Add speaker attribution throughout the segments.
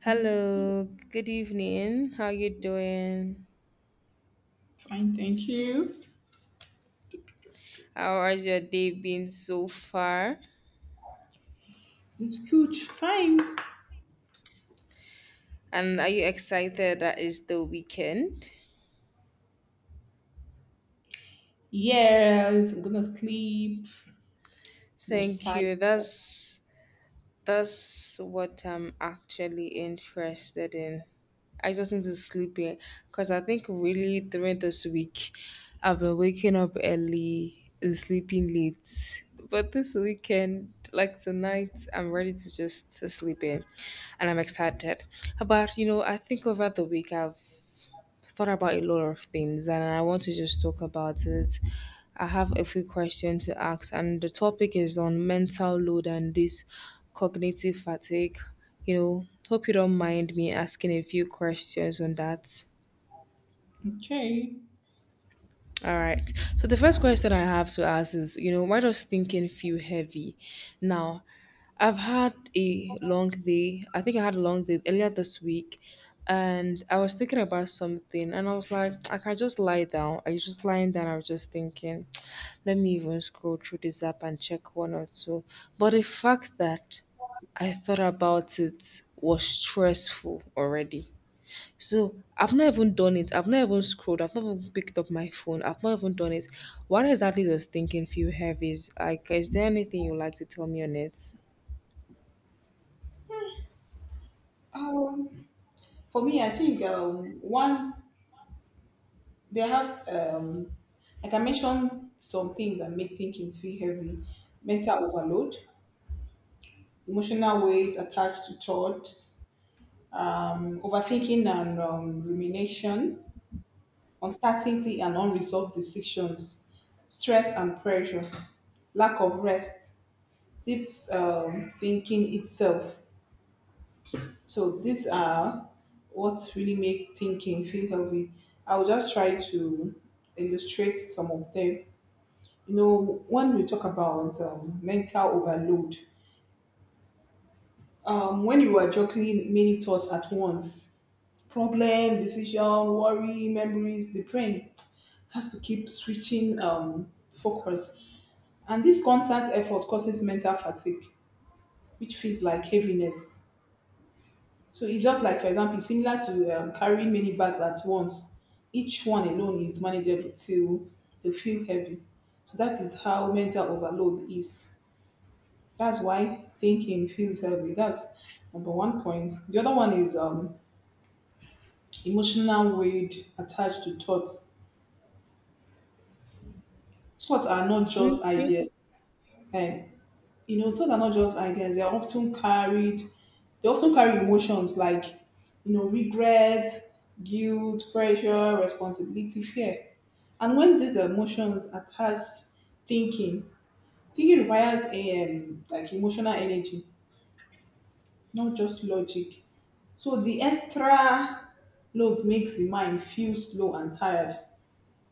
Speaker 1: Hello, good evening. How you doing?
Speaker 2: Fine, thank you.
Speaker 1: How has your day been so far?
Speaker 2: It's good. Fine.
Speaker 1: And are you excited that it's the weekend?
Speaker 2: Yes, I'm gonna sleep.
Speaker 1: Thank
Speaker 2: Massage.
Speaker 1: you. That's what I'm actually interested in. I just need to sleep in because I think really during this week I've been waking up early and sleeping late. But this weekend, like tonight, I'm ready to just sleep in and I'm excited. But you know, I think over the week I've thought about a lot of things and I want to just talk about it. I have a few questions to ask, and the topic is on mental load and this cognitive fatigue. You know, hope you don't mind me asking a few questions on that.
Speaker 2: Okay.
Speaker 1: All right. So the first question I have to ask is, you know, why does thinking feel heavy? Now, I've had a long day. I think I had a long day earlier this week, and I was thinking about something, and I was like, I can just lie down. I was just lying down. I was just thinking, let me even scroll through this app and check one or two. But the fact that I thought about it was stressful already. So I've not even done it. I've not even scrolled. I've not even picked up my phone. I've not even done it. What exactly does thinking feel heavy? Is like, is there anything you like to tell me on it?
Speaker 2: Um, for me, I think one they have like I mentioned some things that make thinking feel heavy: mental overload, emotional weight attached to thoughts, overthinking and rumination, uncertainty and unresolved decisions, stress and pressure, lack of rest, deep thinking itself. So these are what really make thinking feel healthy. I'll just try to illustrate some of them. You know, when we talk about mental overload, when you are juggling many thoughts at once, problem, decision, worry, memories, the brain has to keep switching focus. And this constant effort causes mental fatigue, which feels like heaviness. So it's just like, for example, it's similar to carrying many bags at once. Each one alone is manageable till they feel heavy. So that is how mental overload is. That's why thinking feels heavy. That's number one point. The other one is emotional weight attached to thoughts. Thoughts are not just
Speaker 1: Okay.
Speaker 2: ideas. And you know, thoughts are not just ideas. They are often carried. They often carry emotions like, you know, regret, guilt, pressure, responsibility, fear. And when these emotions attach, thinking, thinking requires a like emotional energy, not just logic. So the extra load makes the mind feel slow and tired.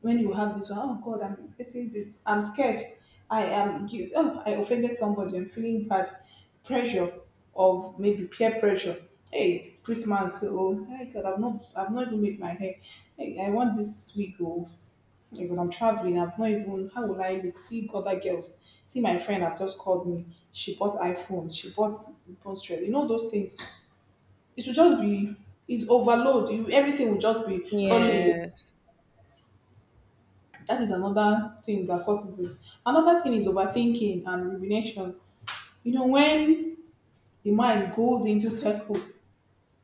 Speaker 2: When you have this, oh God, I'm getting this, I'm scared, guilt. Oh, I offended somebody, I'm feeling bad, pressure of maybe peer pressure. Hey, it's Christmas, oh, hey God, I've not even made my hair. Hey, I want this week, oh, like when I'm traveling, I've not even, how will I look? See other girls. See, my friend have just called me. She bought iPhone. She bought Pinterest. You know those things. It will just be, it's overload. You, everything will just be running in your,
Speaker 1: Yes.
Speaker 2: that is another thing that causes it. Another thing is overthinking and rumination. You know, when the mind goes into circle,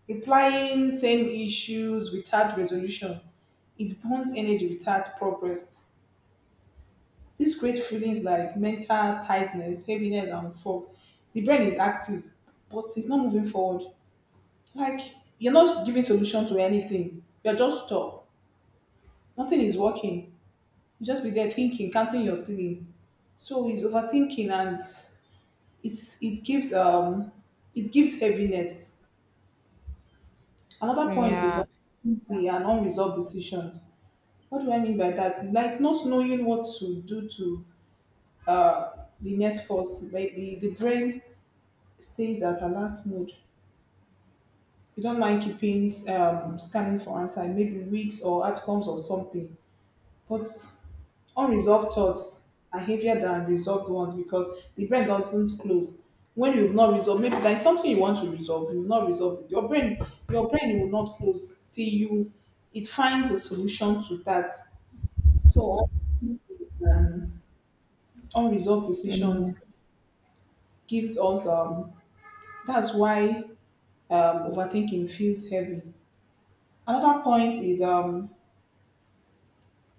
Speaker 2: replying same issues without resolution, it burns energy without progress. These great feelings like mental tightness, heaviness, and fog. The brain is active, but it's not moving forward. Like you're not giving solution to anything. You're just stuck. Nothing is working. You just be there thinking, counting your ceiling. So it's overthinking and it gives um, it gives heaviness. Another point is
Speaker 1: Yeah.
Speaker 2: uncertainty and unresolved decisions. What do I mean by that? Like not knowing what to do to uh, the next force. Maybe the brain stays at alert mode. You don't mind keeping scanning for answer, maybe weeks or outcomes of something. But unresolved thoughts are heavier than resolved ones because the brain doesn't close. When you've not resolved, maybe there's something you want to resolve, you've not resolved it. Your brain will not close till you, it finds a solution to that. So um, unresolved decisions gives us that's why overthinking feels heavy. Another point is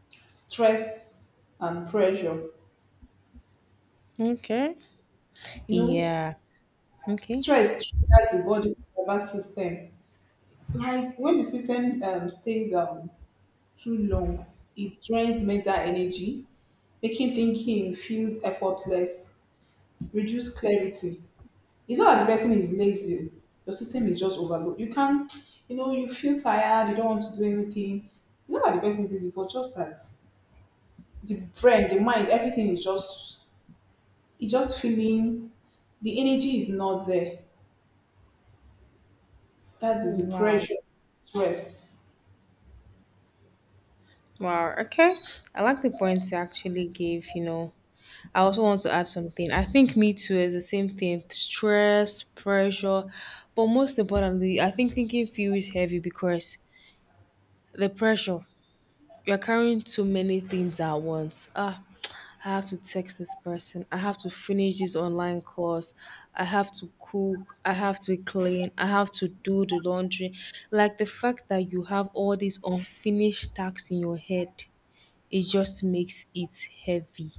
Speaker 2: stress and pressure.
Speaker 1: Okay.
Speaker 2: You know,
Speaker 1: Yeah. Okay.
Speaker 2: stress triggers the body's nervous system. Like when the system stays too long, it drains mental energy, making thinking feels effortless, reduce clarity. It's not that the person is lazy. Your system is just overloaded. You can't, you know, you feel tired. You don't want to do anything. It's not that the person is lazy, but just that the brain, the mind, everything is just, it's just feeling, the energy is not there. That is the
Speaker 1: Wow.
Speaker 2: pressure, stress.
Speaker 1: Wow. Okay. I like the points you actually gave, you know. I also want to add something. I think me too is the same thing. Stress, pressure. But most importantly, I think thinking feels heavy because the pressure. You're carrying too many things at once. Ah, I have to text this person. I have to finish this online course. I have to cook. I have to clean. I have to do the laundry. Like the fact that you have all these unfinished tasks in your head, it just makes it heavy.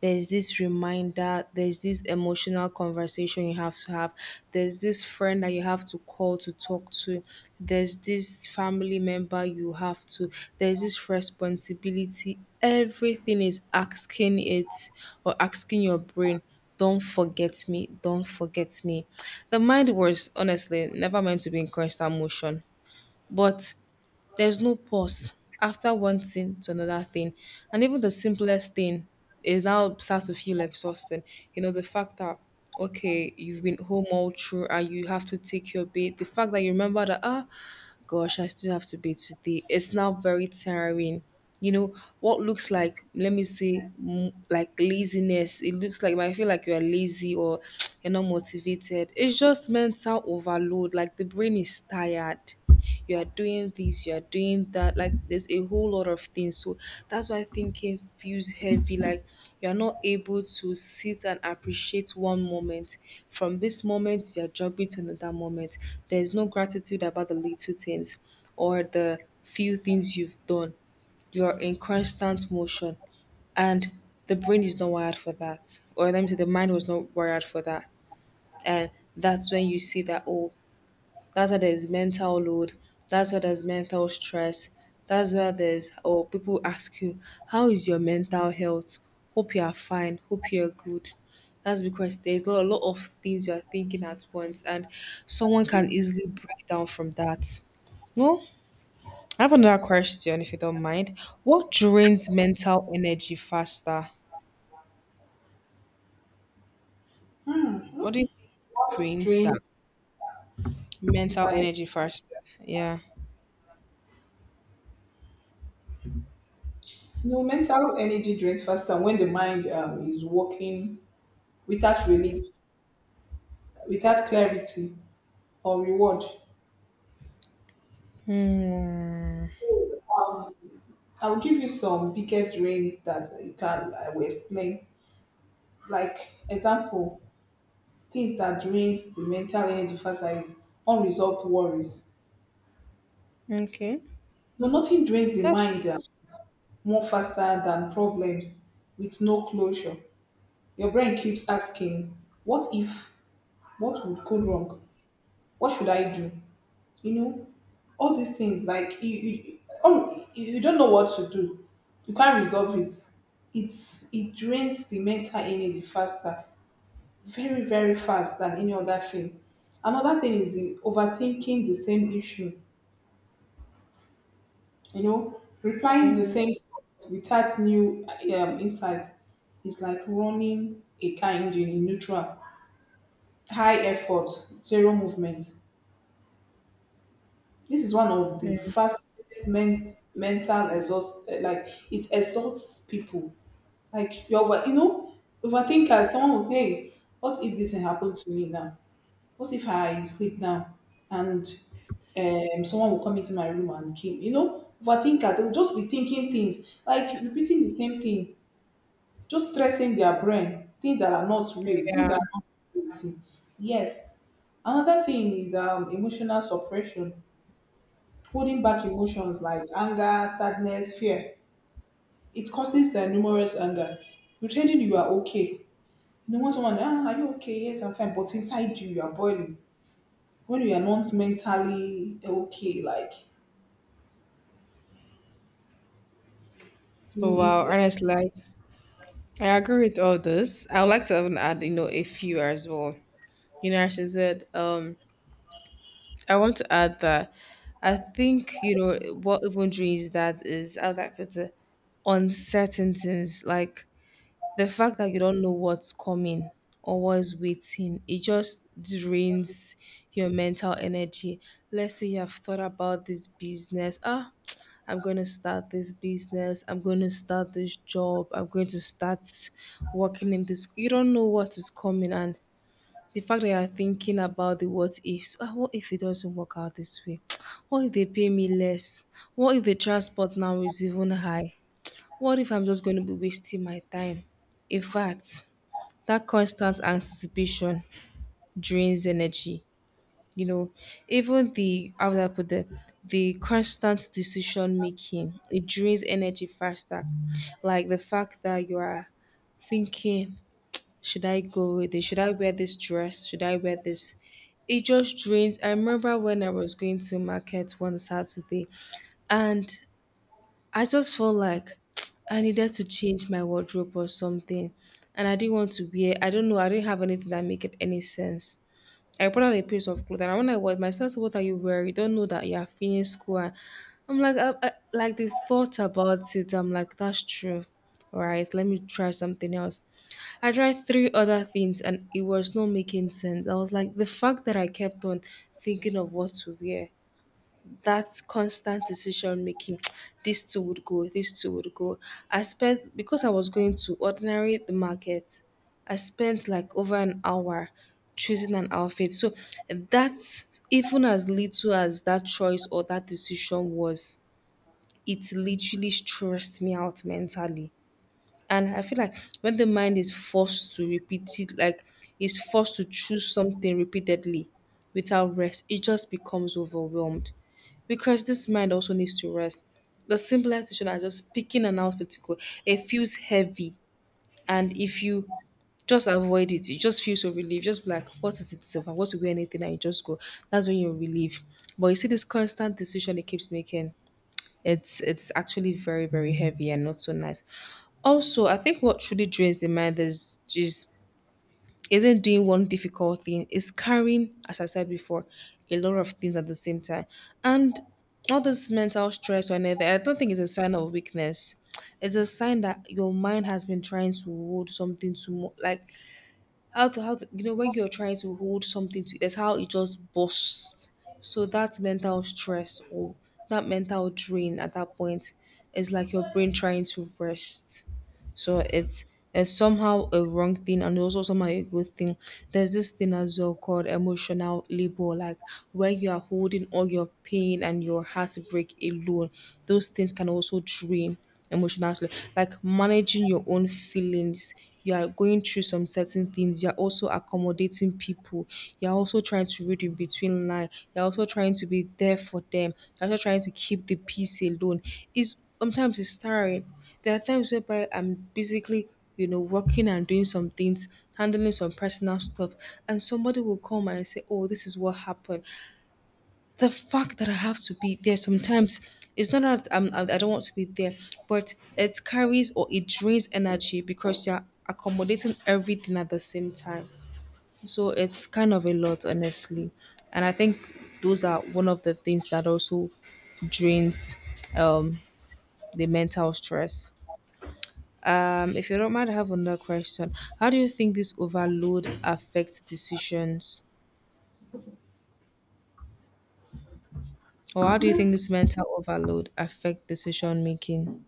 Speaker 1: There's this reminder, there's this emotional conversation you have to have, there's this friend that you have to call to talk to, there's this family member you have to, there's this responsibility. Everything is asking it or asking your brain, don't forget me, don't forget me. The mind was honestly never meant to be in constant motion but there's no pause after one thing to another thing. And even the simplest thing, is now starts to feel exhausting. You know, the fact that, okay, you've been home all through and you have to take your bait, the fact that you remember that, ah, gosh, I still have to be today. It's now very tiring. You know, what looks like, let me say, like laziness. It looks like, I feel like you're lazy or you're not motivated. It's just mental overload, Like the brain is tired you are doing this, you are doing that. Like there's a whole lot of things. So that's why thinking feels heavy. Like you're not able to sit and appreciate one moment. From this moment, you're jumping to another moment. There's no gratitude about the little things or the few things you've done. You're in constant motion. And the brain is not wired for that. Or let me say the mind was not wired for that. And that's when you see that, oh, that's why there's mental load. That's why there's mental stress. That's why there's, or people ask you, how is your mental health? Hope you are fine. Hope you're good. That's because there's a lot of things you're thinking at once, and someone can easily break down from that. No, I have another question if you don't mind. What drains mental energy faster? What
Speaker 2: Mhm.
Speaker 1: do you think
Speaker 2: What
Speaker 1: drains that
Speaker 2: drains
Speaker 1: mental
Speaker 2: inside?
Speaker 1: energy faster? Yeah.
Speaker 2: You know, mental energy drains faster when the mind is working without relief, without clarity or reward.
Speaker 1: Mm,
Speaker 2: So, I'll give you some biggest drains that you can, I will explain. Like example, things that drains the mental energy faster is unresolved worries.
Speaker 1: Okay.
Speaker 2: No, nothing drains the
Speaker 1: That's
Speaker 2: mind
Speaker 1: true.
Speaker 2: more faster than problems with no closure. Your brain keeps asking, what if, what would go wrong? What should I do? You know, all these things like you don't know what to do. You can't resolve it. It's, it drains the mental energy faster, very very fast than any other thing. Another thing is the overthinking the same issue. You know, replying the same thoughts without new insights is like running a car engine in neutral. High effort, zero movement. This is one of the fastest mental exhaust. Like it exhausts people. Like you over, you know, overthinkers. Someone will say, "What if this thing happened to me now? What if I sleep now and someone will come into my room and kill me?" You know, overthinkers, they will just be thinking things, like repeating the same thing, just stressing their brain, things that are not real, things
Speaker 1: Yeah.
Speaker 2: that are not reality. Yes. Another thing is emotional suppression, holding back emotions like anger, sadness, fear. It causes numerous anger. Pretending you are okay. You know, when someone, ah, are you okay? Yes, I'm fine. But inside you, you are boiling. When we are not mentally okay, like
Speaker 1: Oh,
Speaker 2: you
Speaker 1: wow.
Speaker 2: eat.
Speaker 1: Honestly, like, I agree with all this. I would like to even add, you know, a few as well. You know, as I said, I want to add that I think, you know, what even drains that is, how that puts it, uncertainties. Like, the fact that you don't know what's coming or what's waiting, it just drains your mental energy. Let's say you have thought about this business. Ah, I'm going to start this business. I'm going to start this job. I'm going to start working in this. You don't know what is coming. And the fact that you're thinking about the what ifs. Ah, what if it doesn't work out this way? What if they pay me less? What if the transport now is even high? What if I'm just going to be wasting my time? In fact, that constant anticipation drains energy. You know, even the how would I put the constant decision making, it drains energy faster. Like the fact that you are thinking, should I go with it? Should I wear this dress? Should I wear this? It just drains. I remember when I was going to market one Saturday, and I just felt like I needed to change my wardrobe or something. And I didn't want to wear, I don't know, I didn't have anything that make it any sense. I put on a piece of clothes and when I was myself, what are you wearing? You don't know that you are finishing school. And I'm like, like the thought about it, I'm like, that's true. All right, let me try something else. I tried three other things and it was not making sense. I was like, the fact that I kept on thinking of what to wear that constant decision making These two would go I spent because I was going to ordinary the market. I spent like over an hour choosing an outfit so that's even as little as that choice or that decision was it literally stressed me out mentally and I feel like when the mind is forced to repeat it, like it's forced to choose something repeatedly without rest, it just becomes overwhelmed. Because this mind also needs to rest. The simpler decision are just picking an outfit to go. It feels heavy. And if you just avoid it, you just feel so relieved. Just be like, what is it? It's over. What to wear anything and you just go. That's when you're relieved. But you see this constant decision it keeps making. It's actually very very heavy and not so nice. Also, I think what truly drains the mind is just isn't doing one difficult thing. Is carrying, as I said before, a lot of things at the same time, and all this mental stress or anything. I don't think it's a sign of weakness. It's a sign that your mind has been trying to hold something to more like how to you know when you're trying to hold something to that's how it just bursts so that mental stress or that mental drain at that point is like your brain trying to rest so it's somehow a wrong thing and also somehow a good thing. There's this thing as well called emotional labor, like when you are holding all your pain and your heartbreak alone, those things can also drain emotionally. Like managing your own feelings. You are going through some certain things. You're also accommodating people. You're also trying to read in between line. You're also trying to be there for them. You're also trying to keep the peace alone. It's sometimes it's tiring there are times whereby I'm basically, you know, working and doing some things, handling some personal stuff, and somebody will come and say, "Oh, this is what happened." The fact that I have to be there sometimes it's not that I don't want to be there, but it carries or it drains energy because you're accommodating everything at the same time. So it's kind of a lot, honestly. And I think those are one of the things that also drains um, the mental stress. If you don't mind, I have another question. How do you think this overload affects decisions? Or how do you think this mental overload affect decision making?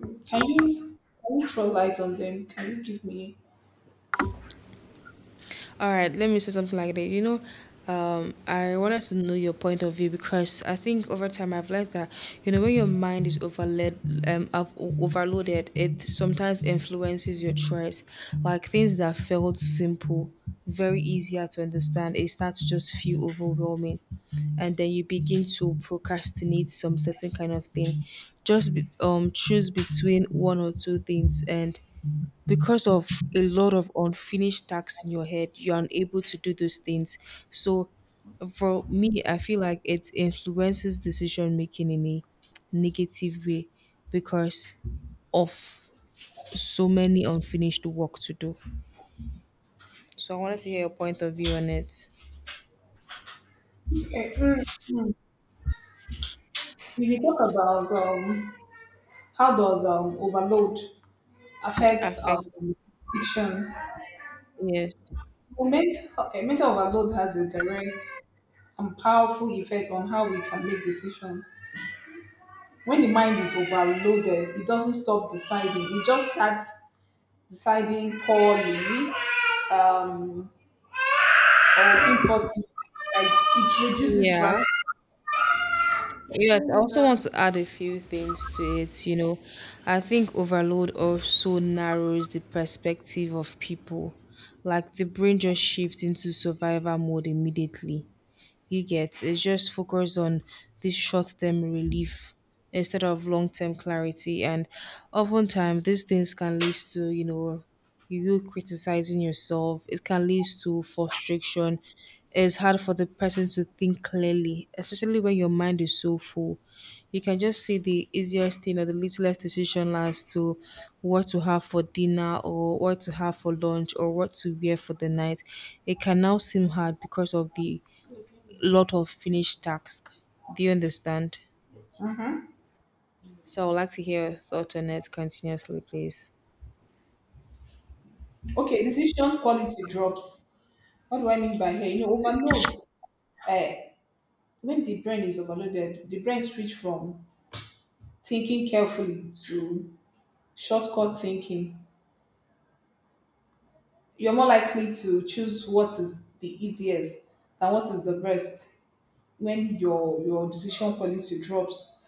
Speaker 2: Mm, can you throw light on them? Can you give me?
Speaker 1: All right, let me say something like that. You know, I wanted to know your point of view because I think over time I've learned that you know when your mind is overloaded, overloaded, it sometimes influences your choice. Like things that felt simple, very easier to understand, it starts to just feel overwhelming, and then you begin to procrastinate some certain kind of thing. Just be, choose between one or two things and because of a lot of unfinished tasks in your head you're unable to do those things so for me I feel like it influences decision making in a negative way because of so many unfinished work to do so I wanted to hear your point of view on it
Speaker 2: Okay. Mm. If you talk about how does overload affect
Speaker 1: affect
Speaker 2: addictions?
Speaker 1: yes
Speaker 2: Well, mental overload has a direct and powerful effect on how we can make decisions. When the mind is overloaded, it doesn't stop deciding. It just starts deciding poorly, um, or impulsive. Like it reduces
Speaker 1: yeah.
Speaker 2: drastically.
Speaker 1: Yes, I also want to add a few things to it. You know, I think overload also narrows the perspective of people. Like the brain just shifts into survival mode immediately. You get it's just focus on this short term relief instead of long term clarity. And oftentimes these things can lead to, you criticizing yourself. It can lead to frustration. It's hard for the person to think clearly, especially when your mind is so full. You can just see the easiest thing or the littlest decision as to what to have for dinner or what to have for lunch or what to wear for the night. It can now seem hard because of the lot of finished tasks. Do you understand? So I would like to hear your thoughts on it continuously, please.
Speaker 2: Okay, decision quality drops. What do I mean by here? You know, overload. Uh, when the brain is overloaded, the brain switch from thinking carefully to shortcut thinking. You're more likely to choose what is the easiest than what is the best when your decision quality drops.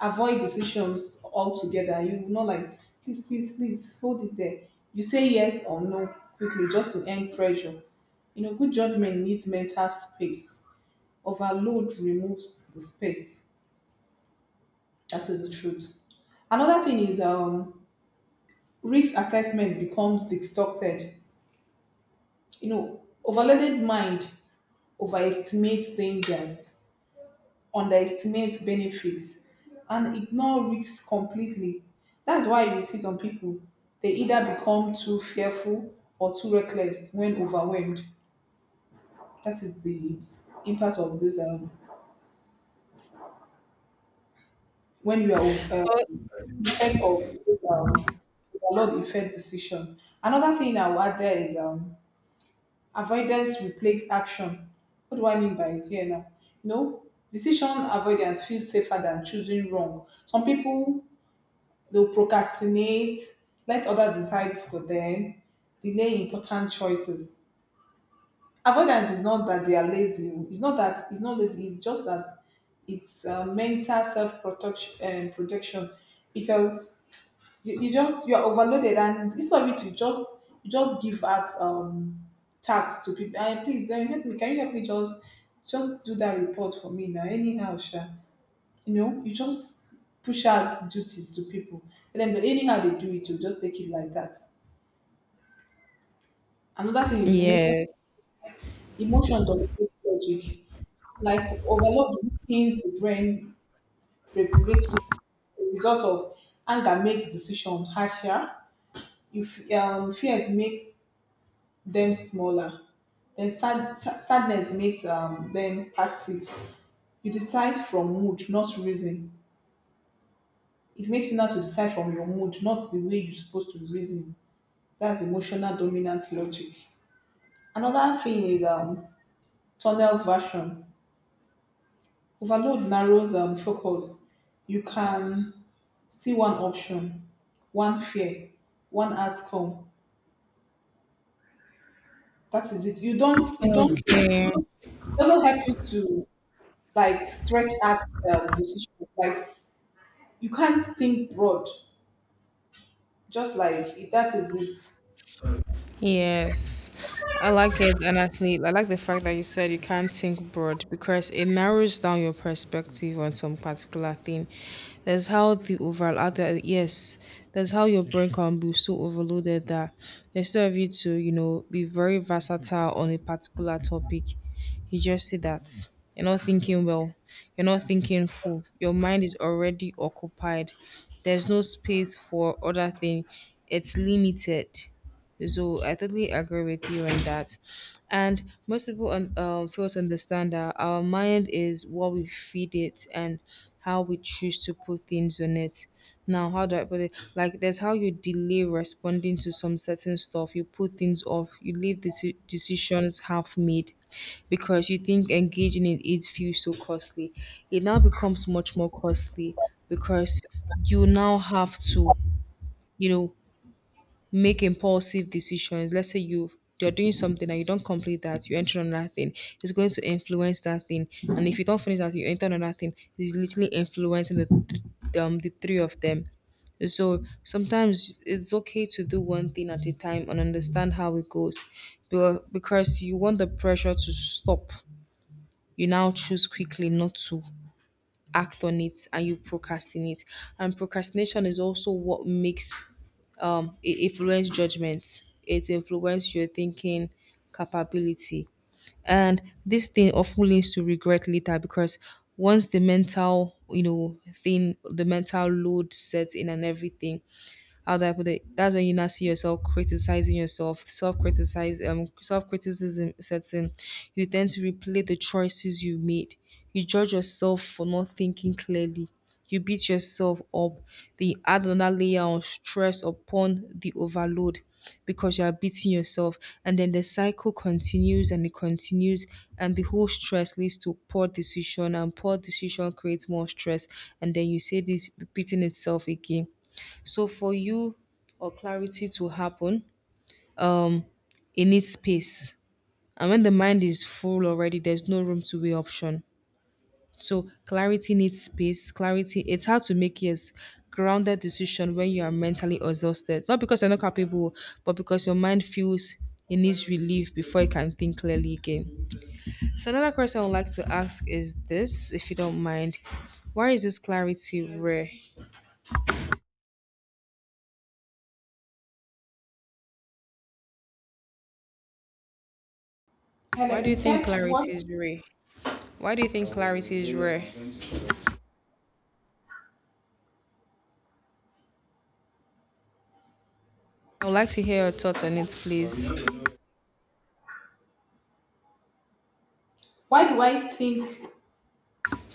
Speaker 2: Avoid decisions altogether. You will not like, hold it there. You say yes or no quickly just to end pressure. You know, good judgment needs mental space. Overload removes the space. That is the truth. Another thing is risk assessment becomes distorted. You know, overloaded mind overestimates dangers, underestimate benefits and ignore risks completely. That's why you see some people, they either become too fearful or too reckless when overwhelmed. That is the impact of this, when you are, ov-
Speaker 1: Oh,
Speaker 2: the effect of this overload effect decision. Another thing I will add there is avoidance replaces action. What do I mean by here now? You know, decision avoidance feels safer than choosing wrong. Some people, they'll procrastinate, let others decide for them, delay important choices. Avoidance is not that they are lazy. It's not that, it's not lazy. It's just that it's mental self protection. Protection, because you are overloaded, and instead of it, you just give out tasks to people. "Ah, please, help me. Can you help me? Just do that report for me now. Anyhow, sure." You know, you just push out duties to people. And then anyhow they do it, you just take it like that. Another thing is emotion.
Speaker 1: yes.
Speaker 2: Emotion dominates logic. Like overload weakens the brain regulatory system. The result of anger makes decision harsher. If fears makes them smaller. Then sadness makes them passive. You decide from mood, not reason. It makes you now to decide from your mood, not the way you're supposed to reason. That's emotional dominant logic. Another thing is tunnel version. Overload narrows focus. You can see one option, one fear, one outcome. That is it. You don't,
Speaker 1: Okay.
Speaker 2: it doesn't help you to like stretch out decision. Like you can't think broad, just like that is it.
Speaker 1: Yes, I like it, and actually, I like the fact that you said you can't think broad because it narrows down your perspective on some particular thing. There's how the overall other yes, there's how your brain can be so overloaded that instead of you to you know be very versatile on a particular topic, you just see that you're not thinking well, you're not thinking full. Your mind is already occupied. There's no space for other thing. It's limited so I totally agree with you on that. And most people fail to understand that our mind is what we feed it and how we choose to put things on it. Now, how do I put it? Like, there's how you delay responding to some certain stuff. You put things off. You leave the decisions half made because you think engaging in it feels so costly. It now becomes much more costly because you now have to, you know, make impulsive decisions. Let's say you're doing something and you don't complete that, you enter another thing. It's going to influence that thing, and if you don't finish that, you enter another thing. It's literally influencing the the three of them. So sometimes it's okay to do one thing at a time and understand how it goes. Because you want the pressure to stop, you now choose quickly not to act on it and you procrastinate. And procrastination is also what makes it influence judgment. It influences your thinking capability. And this thing often leads to regret later because once the mental, you know, thing, the mental load sets in and everything, how do I put it? That's when you now see yourself criticizing yourself, self criticism sets in. You tend to replay the choices you made. You judge yourself for not thinking clearly. You beat yourself up. Then you add another layer of stress upon the overload because you are beating yourself. And then the cycle continues and it continues. And the whole stress leads to poor decision. And poor decision creates more stress. And then you see this repeating itself again so for you or clarity to happen, it needs space. And when the mind is full already, there's no room to weigh option. So clarity needs space. Clarity, it's hard to make yes grounded decision when you are mentally exhausted. Not because you're not capable, but because your mind feels it needs relief before it can think clearly again. So another question I would like to ask is this, if you don't mind. Why is this clarity rare? Why
Speaker 2: Hello,
Speaker 1: do
Speaker 2: you
Speaker 1: you think
Speaker 2: said what?
Speaker 1: clarity is rare? Why do you think clarity is rare? I would like to hear your thoughts on it, please.
Speaker 2: Why do I think?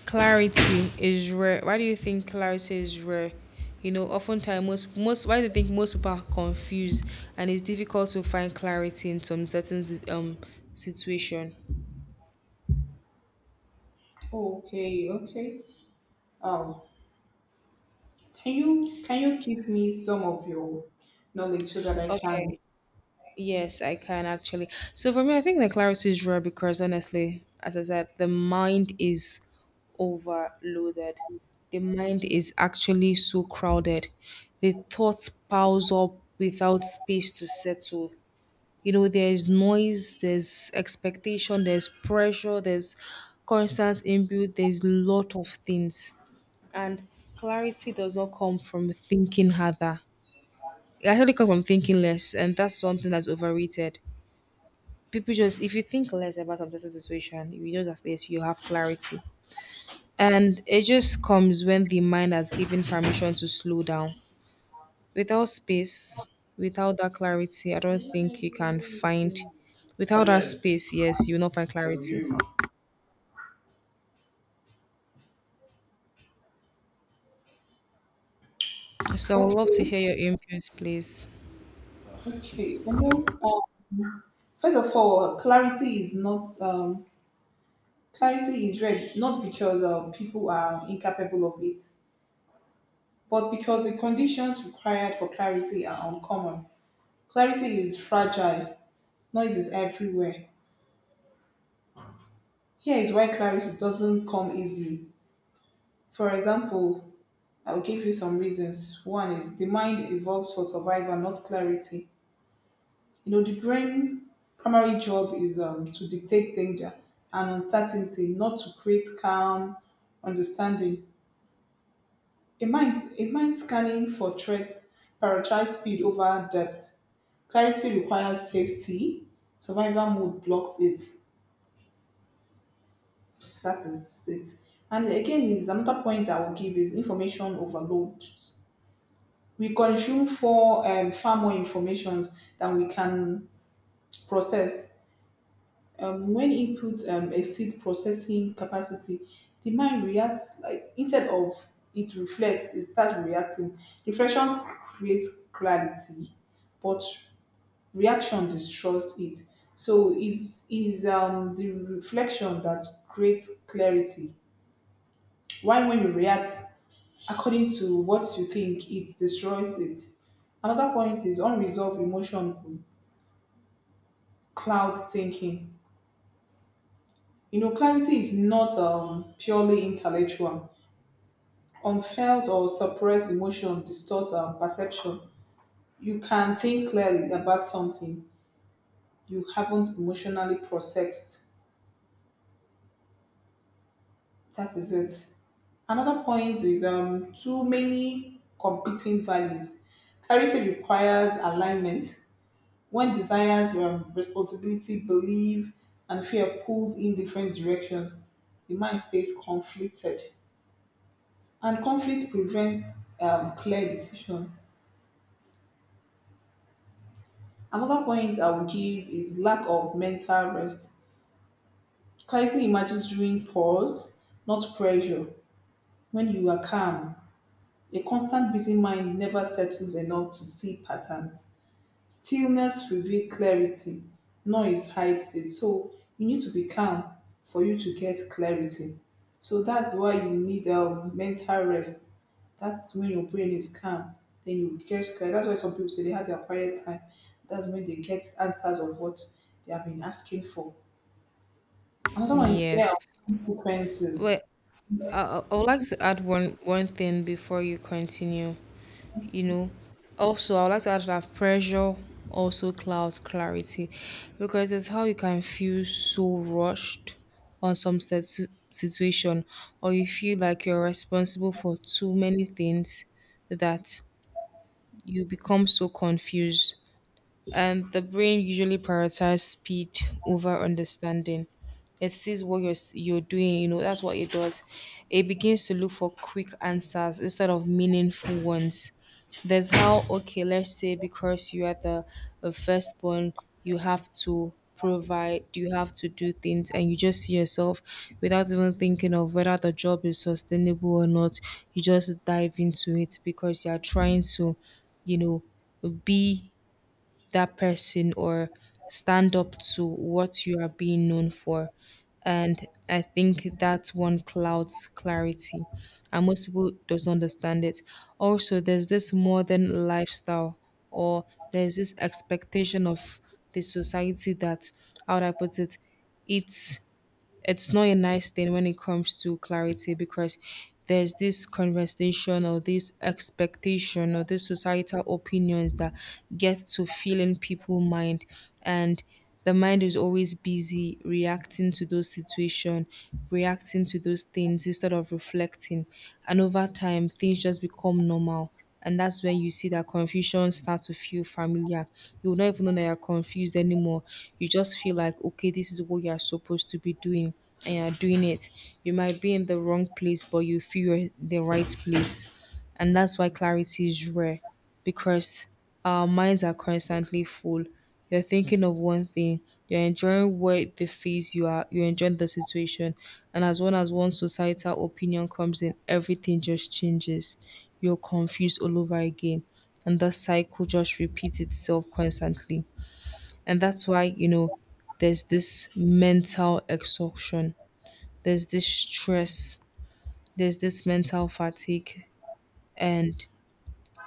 Speaker 1: Clarity is rare. Why do you think clarity is rare? You know, oftentimes most why do you think most people are confused and it's difficult to find clarity in some certain situation?
Speaker 2: Oh, okay, okay. Um, can you give me some of your knowledge so that I can?
Speaker 1: Okay. Yes, I can actually. So for me, I think the clarity is rare because honestly, as I said, the mind is overloaded. The mind is actually so crowded. The thoughts piles up without space to settle. You know there's noise, there's expectation, there's pressure, there's constant input, there's lot of things and clarity does not come from thinking harder, it actually comes from thinking less and that's something that's overrated. People just if you think less about some certain situation you just have this you have clarity and it just comes when the mind has given permission to slow down without space, without that clarity, I don't think you can find. Without that space, yes, you will not find clarity. So I would love to
Speaker 2: Okay,
Speaker 1: hear your inputs, please.
Speaker 2: okay. Can you? Um, First of all, clarity is red not because people are incapable of it, but because the conditions required for clarity are uncommon. Clarity is fragile. Noise is everywhere. Here is why clarity doesn't come easily. For example, I'll give you some reasons. One is the mind evolves for survival, not clarity. You know, the brain primary job is to detect danger and uncertainty, not to create calm understanding. A mind scanning for threats prioritize speed over depth. Clarity requires safety. Survival mode blocks it. That is it. And again, is another point I will give is information overload. We consume for far more informations than we can process. When inputs exceed processing capacity, the mind reacts like instead of it reflects, it starts reacting. Reflection creates clarity, but reaction destroys it. So is the reflection that creates clarity. Why when you react according to what you think, it destroys it. Another point is unresolved emotion could cloud thinking. You know, clarity is not purely intellectual, unfelt or suppressed emotion distorts our perception. You can think clearly about something you haven't emotionally processed. That is it. Another point is too many competing values. Clarity requires alignment. When desires, responsibility, belief, and fear pulls in different directions, the mind stays conflicted, and conflict prevents clear decision. Another point I would give is lack of mental rest. Clarity emerges during pause, not pressure. When you are calm, a constant busy mind never settles enough to see patterns. Stillness reveals clarity, noise hides it. So you need to be calm for you to get clarity. So that's why you need a mental rest. That's when your brain is calm. Then you get clear. That's why some people say they have their quiet time. That's when they get answers of what they have been asking for. Another one is fear
Speaker 1: Yes.
Speaker 2: of
Speaker 1: Well,
Speaker 2: consequences.
Speaker 1: I would like to add one thing before you continue. You know, also I would like to add that pressure also clouds clarity, because it's how you can feel so rushed on some set situation, or you feel like you're responsible for too many things that you become so confused. And the brain usually prioritizes speed over understanding. It sees what you're doing, you know, that's what it does. It begins to look for quick answers instead of meaningful ones. There's how, okay, let's say because you are the firstborn, you have to provide, you have to do things, and you just see yourself without even thinking of whether the job is sustainable or not. You just dive into it because you are trying to, you know, be that person or stand up to what you are being known for. And I think that one clouds clarity. And most people doesn't understand it. Also, there's this modern lifestyle or there's this expectation of the society that how would I put it? It's it's not a nice thing when it comes to clarity because there's this conversation or this expectation or this societal opinions that get to fill in people mind and the mind is always busy reacting to those situations, reacting to those things instead of reflecting. And over time, things just become normal. And that's when you see that confusion start to feel familiar. You will not even know that you're confused anymore. You just feel like, okay, this is what you're supposed to be doing, and you're doing it. You might be in the wrong place, but you feel you're in the right place. And that's why clarity is rare because our minds are constantly full. You're thinking of one thing, you're enjoying what the feels you are, you're enjoying the situation. And as well as one societal opinion comes in, everything just changes. You're confused all over again. And that cycle just repeats itself constantly. And that's why, you know, there's this mental exhaustion, there's this stress, there's this mental fatigue, and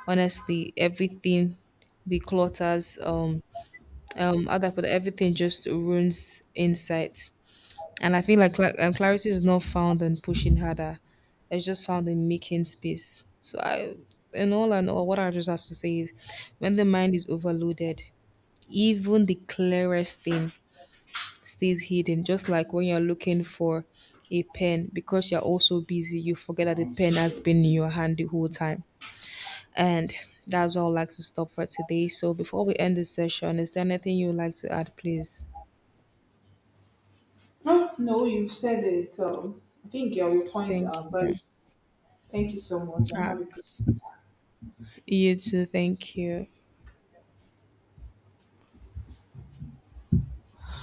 Speaker 1: honestly everything the clutters other for everything just ruins insight and I feel like clarity is not found in pushing harder, it's just found in making space so I in all and all what I just have to say is when the mind is overloaded even the clearest thing stays hidden just like when you're looking for a pen because you're also busy you forget that the pen has been in your hand the whole time and that's all I'd like to stop for today. So before we end this session, is there anything you would like to add, please?
Speaker 2: No, no, you've said it. I think your points
Speaker 1: Thank
Speaker 2: are
Speaker 1: you.
Speaker 2: valid. Thank you so much and
Speaker 1: Uh,
Speaker 2: have a good
Speaker 1: you too. Thank you.